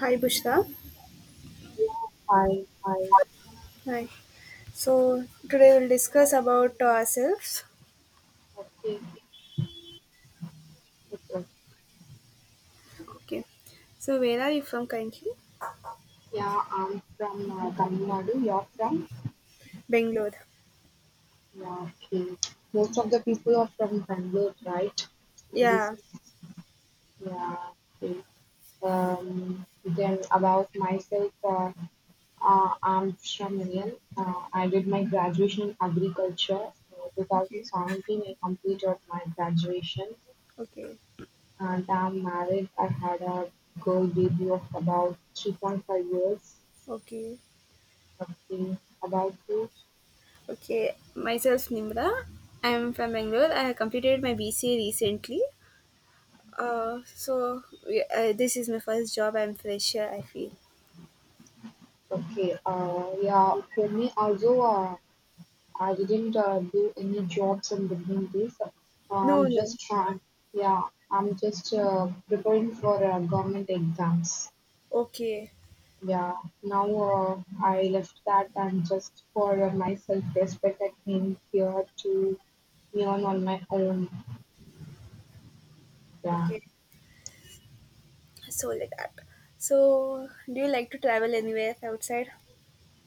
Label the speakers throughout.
Speaker 1: Hi, Bushra.
Speaker 2: Yeah, I, I,
Speaker 1: Hi. So today we'll discuss about ourselves.
Speaker 2: okay, okay.
Speaker 1: Okay. So where are you from currently?
Speaker 2: Yeah, I'm from Tamil Nadu. You're from?
Speaker 1: Bangalore.
Speaker 2: Yeah, okay. Most of the people are from Bangalore, right? This,
Speaker 1: Yeah.
Speaker 2: yeah, okay. Then about myself, I'm Shramilian. I did my graduation in agriculture.
Speaker 1: Okay.
Speaker 2: 2017, I completed my graduation
Speaker 1: Okay.
Speaker 2: and I'm married. I had a girl baby of about 3.5 years.
Speaker 1: Okay.
Speaker 2: Okay, about you.
Speaker 1: Okay. Myself, Nimra. I'm from Bangalore. I have completed my BCA recently. This is my first job. I'm fresher, I feel.
Speaker 2: Okay, yeah, for me also, I didn't do any jobs in between this.
Speaker 1: No,
Speaker 2: I'm
Speaker 1: no.
Speaker 2: just trying, yeah, I'm just preparing for government exams.
Speaker 1: Okay.
Speaker 2: Yeah, now I left that and just for my self-respect, I came here to learn on my own. Yeah.
Speaker 1: Okay. So like that. So do you like to travel anywhere outside?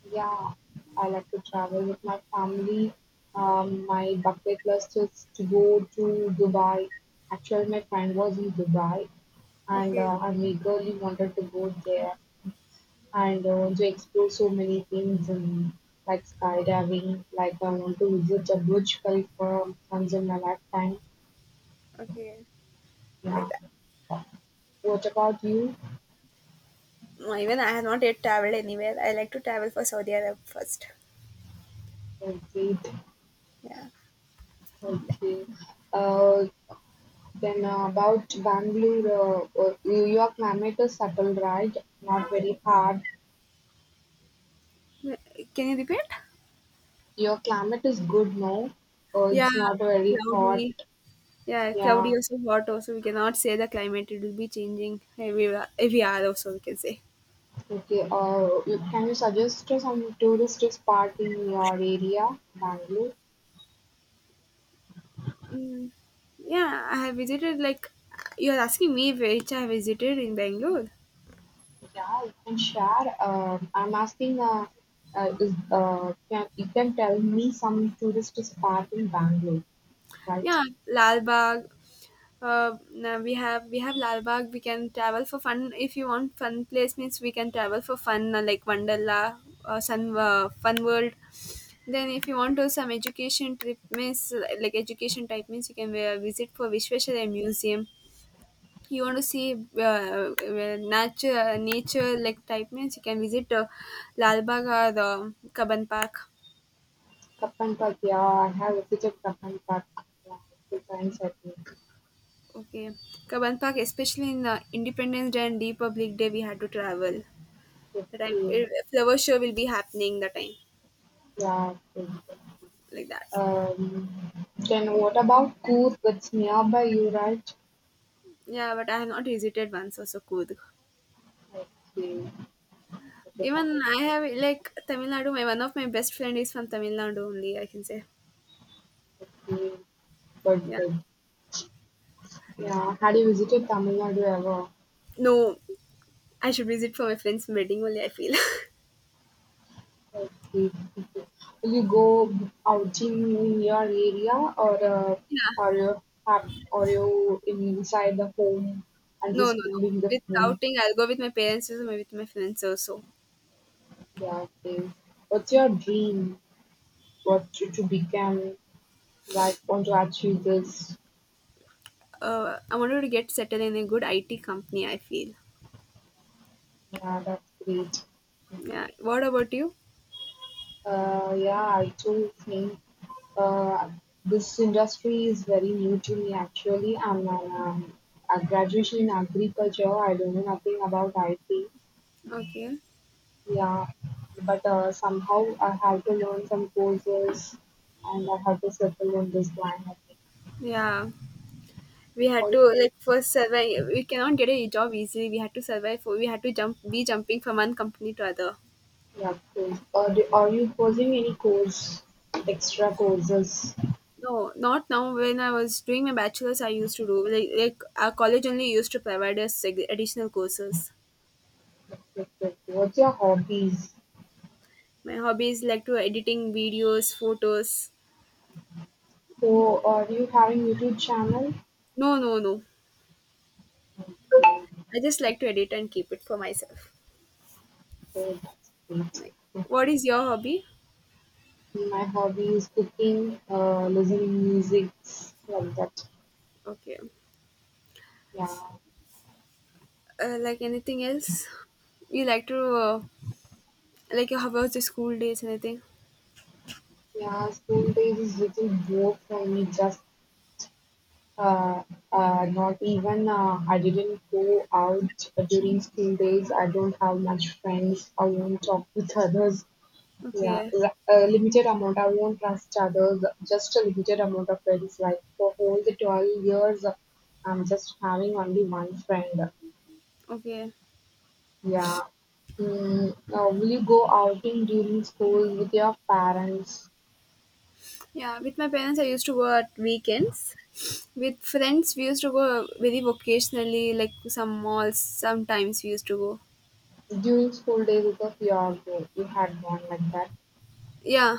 Speaker 2: Yeah, I like to travel with my family. My bucket list is to go to Dubai. Actually, my friend was in Dubai, and
Speaker 1: Okay,
Speaker 2: I eagerly wanted to go there and I want to explore so many things and like skydiving. Like I want to visit the Burj Khalifa once in my lifetime.
Speaker 1: okay, like
Speaker 2: Yeah.
Speaker 1: that.
Speaker 2: What about you?
Speaker 1: No, even I have not yet traveled anywhere. I like to travel for Saudi Arabia first.
Speaker 2: Okay.
Speaker 1: Yeah.
Speaker 2: Okay. Uh, Then about Bangalore, your climate is subtle, right? Not very hard.
Speaker 1: Yeah. Can you repeat?
Speaker 2: Your climate is good, no?
Speaker 1: Yeah,
Speaker 2: It's not very hot.
Speaker 1: cloudy. Yeah, cloudy
Speaker 2: Yeah.
Speaker 1: also hot also. We cannot say the climate. It will be changing every hour also, we can say.
Speaker 2: Okay. Can you suggest to some tourist spot in your area, Bangalore?
Speaker 1: Mm. Yeah, I have visited like, you are asking me which I have visited in Bangalore.
Speaker 2: Yeah, you can share. I'm asking. Is Can you can tell me some tourist spot in Bangalore, right?
Speaker 1: Yeah, Lal Bagh. Now we have Lal Bagh. We can travel for fun. If you want fun place, means we can travel for fun like Wonderla, Sun Fun World. Then if you want to some education trip means like education type means you can visit for Vishveshwaraya Museum. You want to see nature like type means you can visit Lal Bagh or the Kaban Park.
Speaker 2: Kappan Park. Yeah, I have visited Kappan Park. Yeah, a few times I think.
Speaker 1: Okay, Kaban Park, especially in Independence Day and Republic Day, we had to travel. That I,
Speaker 2: Okay,
Speaker 1: a flower show will be happening the time,
Speaker 2: yeah. Okay.
Speaker 1: like that.
Speaker 2: Um, then what about Coorg? That's nearby you, right?
Speaker 1: Yeah, but I have not visited once also Kurg.
Speaker 2: Okay, okay,
Speaker 1: Even
Speaker 2: fine.
Speaker 1: I have like Tamil Nadu. My one of my best friend is from Tamil Nadu only, I can say.
Speaker 2: Okay, good,
Speaker 1: Yeah.
Speaker 2: good. Yeah, had you visited Tamil Nadu ever?
Speaker 1: No, I should visit for my friend's wedding only, I feel.
Speaker 2: Okay, okay. Will you go outing in your area, or are
Speaker 1: Yeah.
Speaker 2: you have or you inside the home and
Speaker 1: No, no,
Speaker 2: just
Speaker 1: no.
Speaker 2: cooling the
Speaker 1: With
Speaker 2: phone?
Speaker 1: outing, I'll go with my parents also, maybe with my friends also.
Speaker 2: Yeah, okay. What's your dream? To become? Like, want to achieve this.
Speaker 1: I wanted to get settled in a good IT company, I feel.
Speaker 2: Yeah, that's great.
Speaker 1: Yeah. What about you?
Speaker 2: Yeah, I too think uh, this industry is very new to me actually. A graduation in agriculture. I don't know nothing about IT.
Speaker 1: Okay.
Speaker 2: Yeah, but somehow I have to learn some courses and I have to settle on this line, I think.
Speaker 1: Yeah. We had
Speaker 2: Or,
Speaker 1: to like first survive. We cannot get a job easily. We had to survive. We had to jump. Be jumping from one company to other.
Speaker 2: yeah, cool. Are you posing any course, extra courses?
Speaker 1: No, not now. When I was doing my bachelor's, I used to do like our college only used to provide us like additional courses.
Speaker 2: What's your hobbies?
Speaker 1: My hobby is like to editing videos, photos.
Speaker 2: So, are you having YouTube channel?
Speaker 1: No, no, no.
Speaker 2: Oh,
Speaker 1: I just like to edit and keep it for myself.
Speaker 2: that's great.
Speaker 1: Like, what is your hobby?
Speaker 2: My hobby is cooking, listening music, like that.
Speaker 1: Okay.
Speaker 2: Yeah,
Speaker 1: Like anything else? You like to like how was the school days? Anything?
Speaker 2: yeah. School days is little more for me. Just uh, not even I didn't go out during school days. I don't have much friends. I won't talk with others. Yeah,
Speaker 1: Okay,
Speaker 2: a limited amount. I won't trust others. Just a limited amount of friends. Like for all the 12 years, I'm just having only one friend.
Speaker 1: okay.
Speaker 2: Yeah. Mm, now, will you go outing during school with your parents?
Speaker 1: Yeah, with my parents, I used to go at weekends. With friends, we used to go very vocationally, like some malls. Sometimes we used to go.
Speaker 2: During school days, because you are you had one like that.
Speaker 1: Yeah,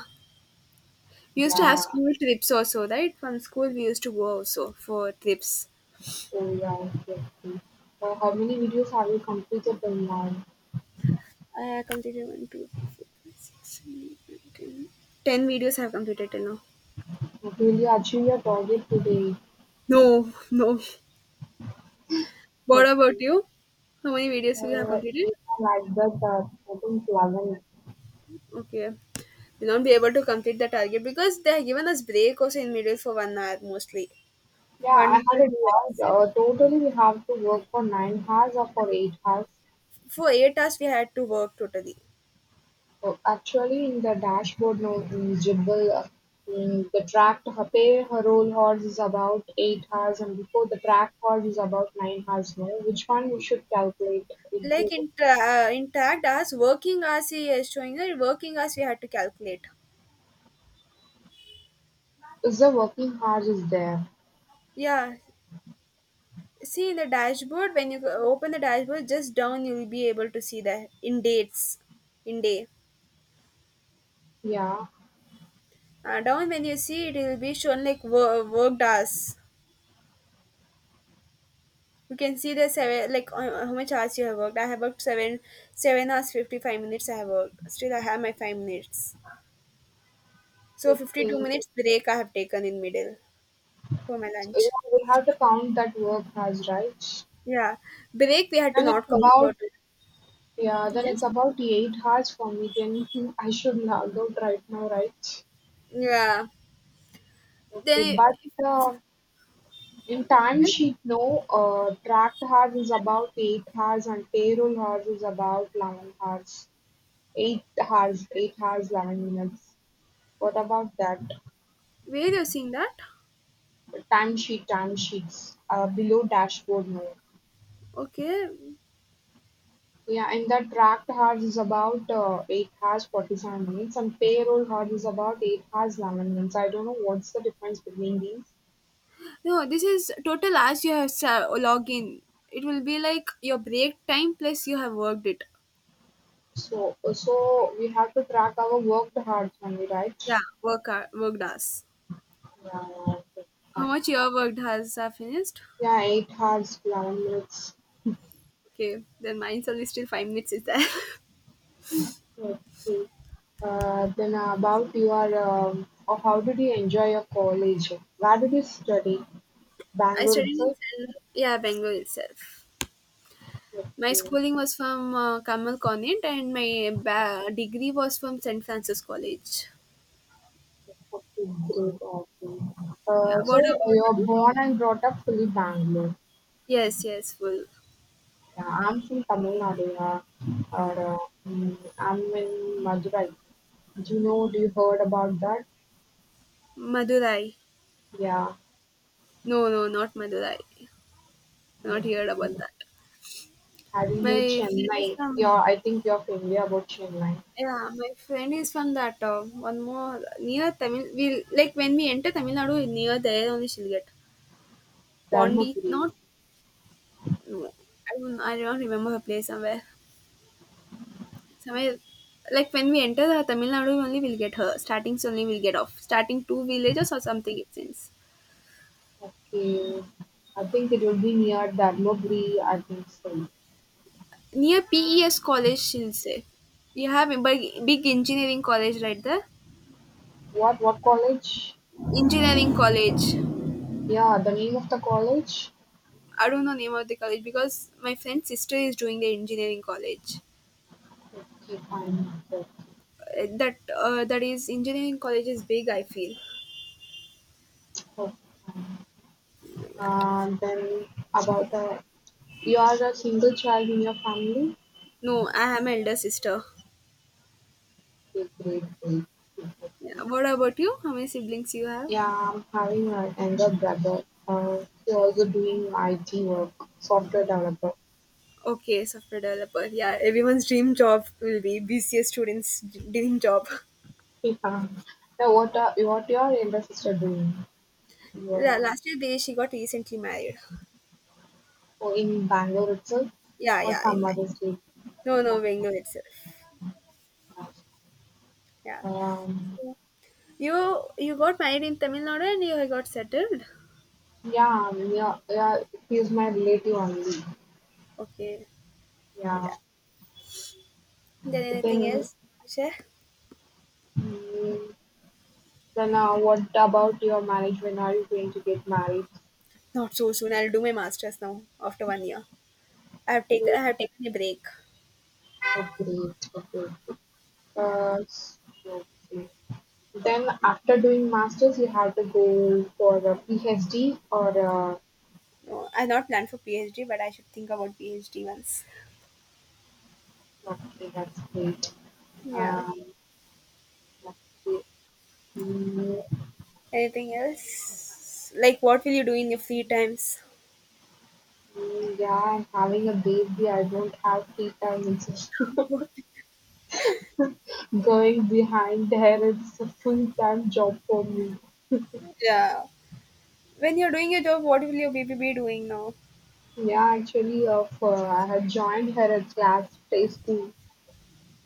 Speaker 1: we used to have
Speaker 2: Yeah.
Speaker 1: school trips also, right? From school, we used to go also for trips.
Speaker 2: Oh yeah. Okay. Okay. How many videos have you completed till now?
Speaker 1: I completed one, two, three, four, five, six, seven, eight, nine, 10. Ten videos I have completed till now.
Speaker 2: What will you achieve your target today?
Speaker 1: No, no. What
Speaker 2: Okay.
Speaker 1: about you? How many videos you have completed?
Speaker 2: If I like that, I think 11.
Speaker 1: Okay. We'll not be able to complete the target because they have given us break also in middle for 1 hour mostly.
Speaker 2: Yeah, I
Speaker 1: One to
Speaker 2: had it
Speaker 1: two
Speaker 2: hard.
Speaker 1: hours.
Speaker 2: Totally, we have to work for 9 hours or for 8 hours.
Speaker 1: For 8 hours we had to work totally.
Speaker 2: So actually, in the dashboard, no in jibble. In the tracked ho- Pay her roll horse is about 8 hours, and before the tracked horse is about 9 hours. No, which one we should calculate? It-
Speaker 1: Like in tra- in tracked hours, working hours he is showing. That working hours we had to calculate.
Speaker 2: Is the working hours is there?
Speaker 1: Yeah. See in the dashboard when you open the dashboard just down you will be able to see the in dates in day.
Speaker 2: Yeah,
Speaker 1: Down when you see it, it will be shown like worked hours. You can see the seven like how much hours you have worked. I have worked seven hours 55 minutes I have worked. Still, I have my 5 minutes. So fifty two
Speaker 2: 15.
Speaker 1: minutes break I have taken in middle for my
Speaker 2: So,
Speaker 1: lunch.
Speaker 2: yeah, we have to count that work hours, right?
Speaker 1: Yeah, break we had to
Speaker 2: And it's
Speaker 1: not count for
Speaker 2: about
Speaker 1: it.
Speaker 2: yeah, then
Speaker 1: Yes.
Speaker 2: it's about 8 hours for me. Then I should log out right now, right?
Speaker 1: Yeah.
Speaker 2: Okay,
Speaker 1: Then
Speaker 2: but uh, in
Speaker 1: it-
Speaker 2: timesheet, no, tracked hours is about 8 hours and payroll hours is about 11 hours. 8 hours, 11 minutes. What about that?
Speaker 1: where you're seeing that?
Speaker 2: Timesheets, below dashboard, no.
Speaker 1: Okay.
Speaker 2: Yeah, and the tracked hours is about 8 hours 47 minutes, and payroll hours is about 8 hours 11 minutes. I don't know what's the difference between these.
Speaker 1: No, this is total hours you have log in. It will be like your break time plus you have worked it.
Speaker 2: So we have to track our worked hours only, right?
Speaker 1: Yeah, worked hours.
Speaker 2: Yeah, yeah, okay,
Speaker 1: How
Speaker 2: fine.
Speaker 1: much your worked hours are finished?
Speaker 2: Yeah, 8 hours, 11 minutes.
Speaker 1: Okay, then mine's only still 5 minutes is there.
Speaker 2: Okay. Then about your, or how did you enjoy your college? Where did you study?
Speaker 1: I
Speaker 2: Bangalore
Speaker 1: studied in
Speaker 2: itself.
Speaker 1: Yeah, Bangalore itself.
Speaker 2: Okay.
Speaker 1: My
Speaker 2: Okay,
Speaker 1: schooling was from Kamal Convent and my degree was from St. Francis College.
Speaker 2: great. Okay.
Speaker 1: Yeah, what
Speaker 2: So
Speaker 1: about
Speaker 2: you're
Speaker 1: you?
Speaker 2: born and brought up fully Bangalore.
Speaker 1: Yes, yes, full.
Speaker 2: Yeah, I'm from Tamil Nadu. Yeah. Or, uh, I'm in Madurai. Do you know? Do you heard about that?
Speaker 1: Madurai.
Speaker 2: Yeah.
Speaker 1: No, no, not Madurai. Not heard about that.
Speaker 2: Have you know
Speaker 1: My friend is
Speaker 2: Chennai?
Speaker 1: from,
Speaker 2: Yeah, I think you're familiar about Chennai.
Speaker 1: yeah, my friend is from that one more near Tamil. We like when we enter Tamil Nadu near there only she'll get Pondi,
Speaker 2: Dharmapuri.
Speaker 1: not. No, I don't remember her place somewhere. Somewhere like when we enter the Tamil Nadu only we'll get her. Starting only we'll get off. Starting two villages or something it seems.
Speaker 2: Okay. I think it will be near Dharmapuri, I think so.
Speaker 1: Near PES college she'll say. You have a big, big engineering college right there.
Speaker 2: What college?
Speaker 1: Engineering college.
Speaker 2: Yeah, the name of the college?
Speaker 1: I don't know name of the college because my friend's sister is doing the engineering college.
Speaker 2: Okay, fine. Okay,
Speaker 1: That is engineering college is big, I feel,
Speaker 2: okay, fine.
Speaker 1: like that.
Speaker 2: Then about the you are a single child in your family?
Speaker 1: No, I am elder sister.
Speaker 2: Okay, great, great.
Speaker 1: Yeah. What about you? How many siblings you have?
Speaker 2: Yeah, I'm having an younger brother. He's also doing IT work, software developer.
Speaker 1: Okay, software developer. Yeah, everyone's dream job will be BCA students' dream job.
Speaker 2: Yeah. Now, what your younger sister doing? Yeah.
Speaker 1: Yeah, last year they, she got recently married.
Speaker 2: Oh, in Bangalore itself,
Speaker 1: Yeah,
Speaker 2: or
Speaker 1: yeah.
Speaker 2: some
Speaker 1: In,
Speaker 2: other state?
Speaker 1: no, no,
Speaker 2: Yeah.
Speaker 1: Bangalore itself. Yeah.
Speaker 2: Um,
Speaker 1: You got married in Tamil Nadu and you got settled.
Speaker 2: yeah, yeah, yeah, he's my relative only.
Speaker 1: Okay.
Speaker 2: Yeah.
Speaker 1: Yeah. Then anything
Speaker 2: Then,
Speaker 1: else? Share?
Speaker 2: mm, then what about your marriage? When are you going to get married?
Speaker 1: Not so soon. I'll do my masters now after 1 year. I have taken a break.
Speaker 2: Oh, great, okay.
Speaker 1: Yeah.
Speaker 2: Uh, s- okay. Then after doing masters you have to go for a PhD or a
Speaker 1: No, I not planned for PhD, but I should think about PhD once.
Speaker 2: okay, that's great.
Speaker 1: Yeah.
Speaker 2: Um, let's see. Mm,
Speaker 1: Anything else? Like, what will you do in your free times?
Speaker 2: yeah, I'm having a baby. I don't have free time. It's just going behind her, it's a full time job for me.
Speaker 1: Yeah. When you're doing your job, what will your baby be doing now?
Speaker 2: Yeah, actually, for, I had joined her at last preschool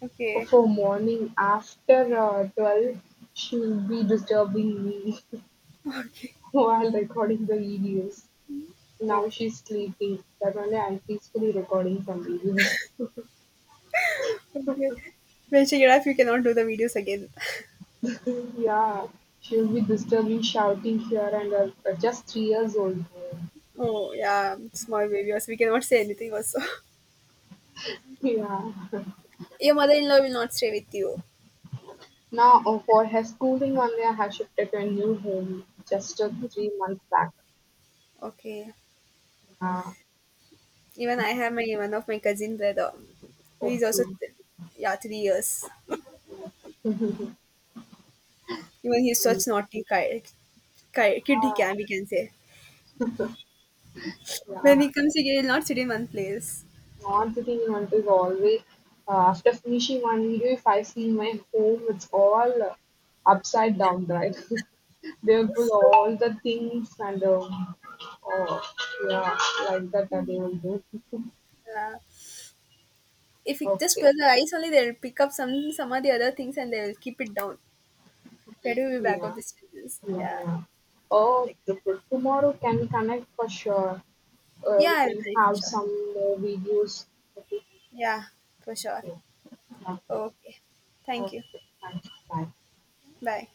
Speaker 1: Okay.
Speaker 2: for morning. After 12, she will be disturbing me
Speaker 1: Okay.
Speaker 2: while recording the videos. Now
Speaker 1: Okay.
Speaker 2: she's sleeping, but only I'm peacefully recording some videos.
Speaker 1: Okay. Well, check it out if you cannot do the videos again.
Speaker 2: Yeah, she'll be disturbing, shouting here and there, but just 3 years old girl.
Speaker 1: Oh, yeah. Small baby, also. We cannot say anything, also.
Speaker 2: Yeah.
Speaker 1: Your mother in law will not stay with you.
Speaker 2: Now, for her schooling only, I have shifted to a new home just 3 months back.
Speaker 1: Okay.
Speaker 2: Yeah,
Speaker 1: Even I have my one of my cousin brother. He's also,
Speaker 2: okay.
Speaker 1: yeah, 3 years.
Speaker 2: Yeah,
Speaker 1: Even he's such kid, he can, we can say.
Speaker 2: yeah.
Speaker 1: When we come together, not sit in one place.
Speaker 2: Not the thing want is always after finishing one video, if I see my home, it's all upside down, right? They will pull all the things and oh yeah, like that they will do.
Speaker 1: Yeah. If we just
Speaker 2: Okay,
Speaker 1: close our eyes only, they'll pick up some of the other things and they'll keep it down. Where do we back up
Speaker 2: yeah,
Speaker 1: the stages?
Speaker 2: yeah,
Speaker 1: Yeah.
Speaker 2: yeah.
Speaker 1: Like,
Speaker 2: Tomorrow can connect for sure.
Speaker 1: yeah,
Speaker 2: We
Speaker 1: I'll
Speaker 2: can
Speaker 1: try for
Speaker 2: have
Speaker 1: sure.
Speaker 2: some more videos. Okay,
Speaker 1: Yeah, for sure.
Speaker 2: okay, okay.
Speaker 1: Okay. Thank you.
Speaker 2: Okay. Thank you. Bye.
Speaker 1: Bye.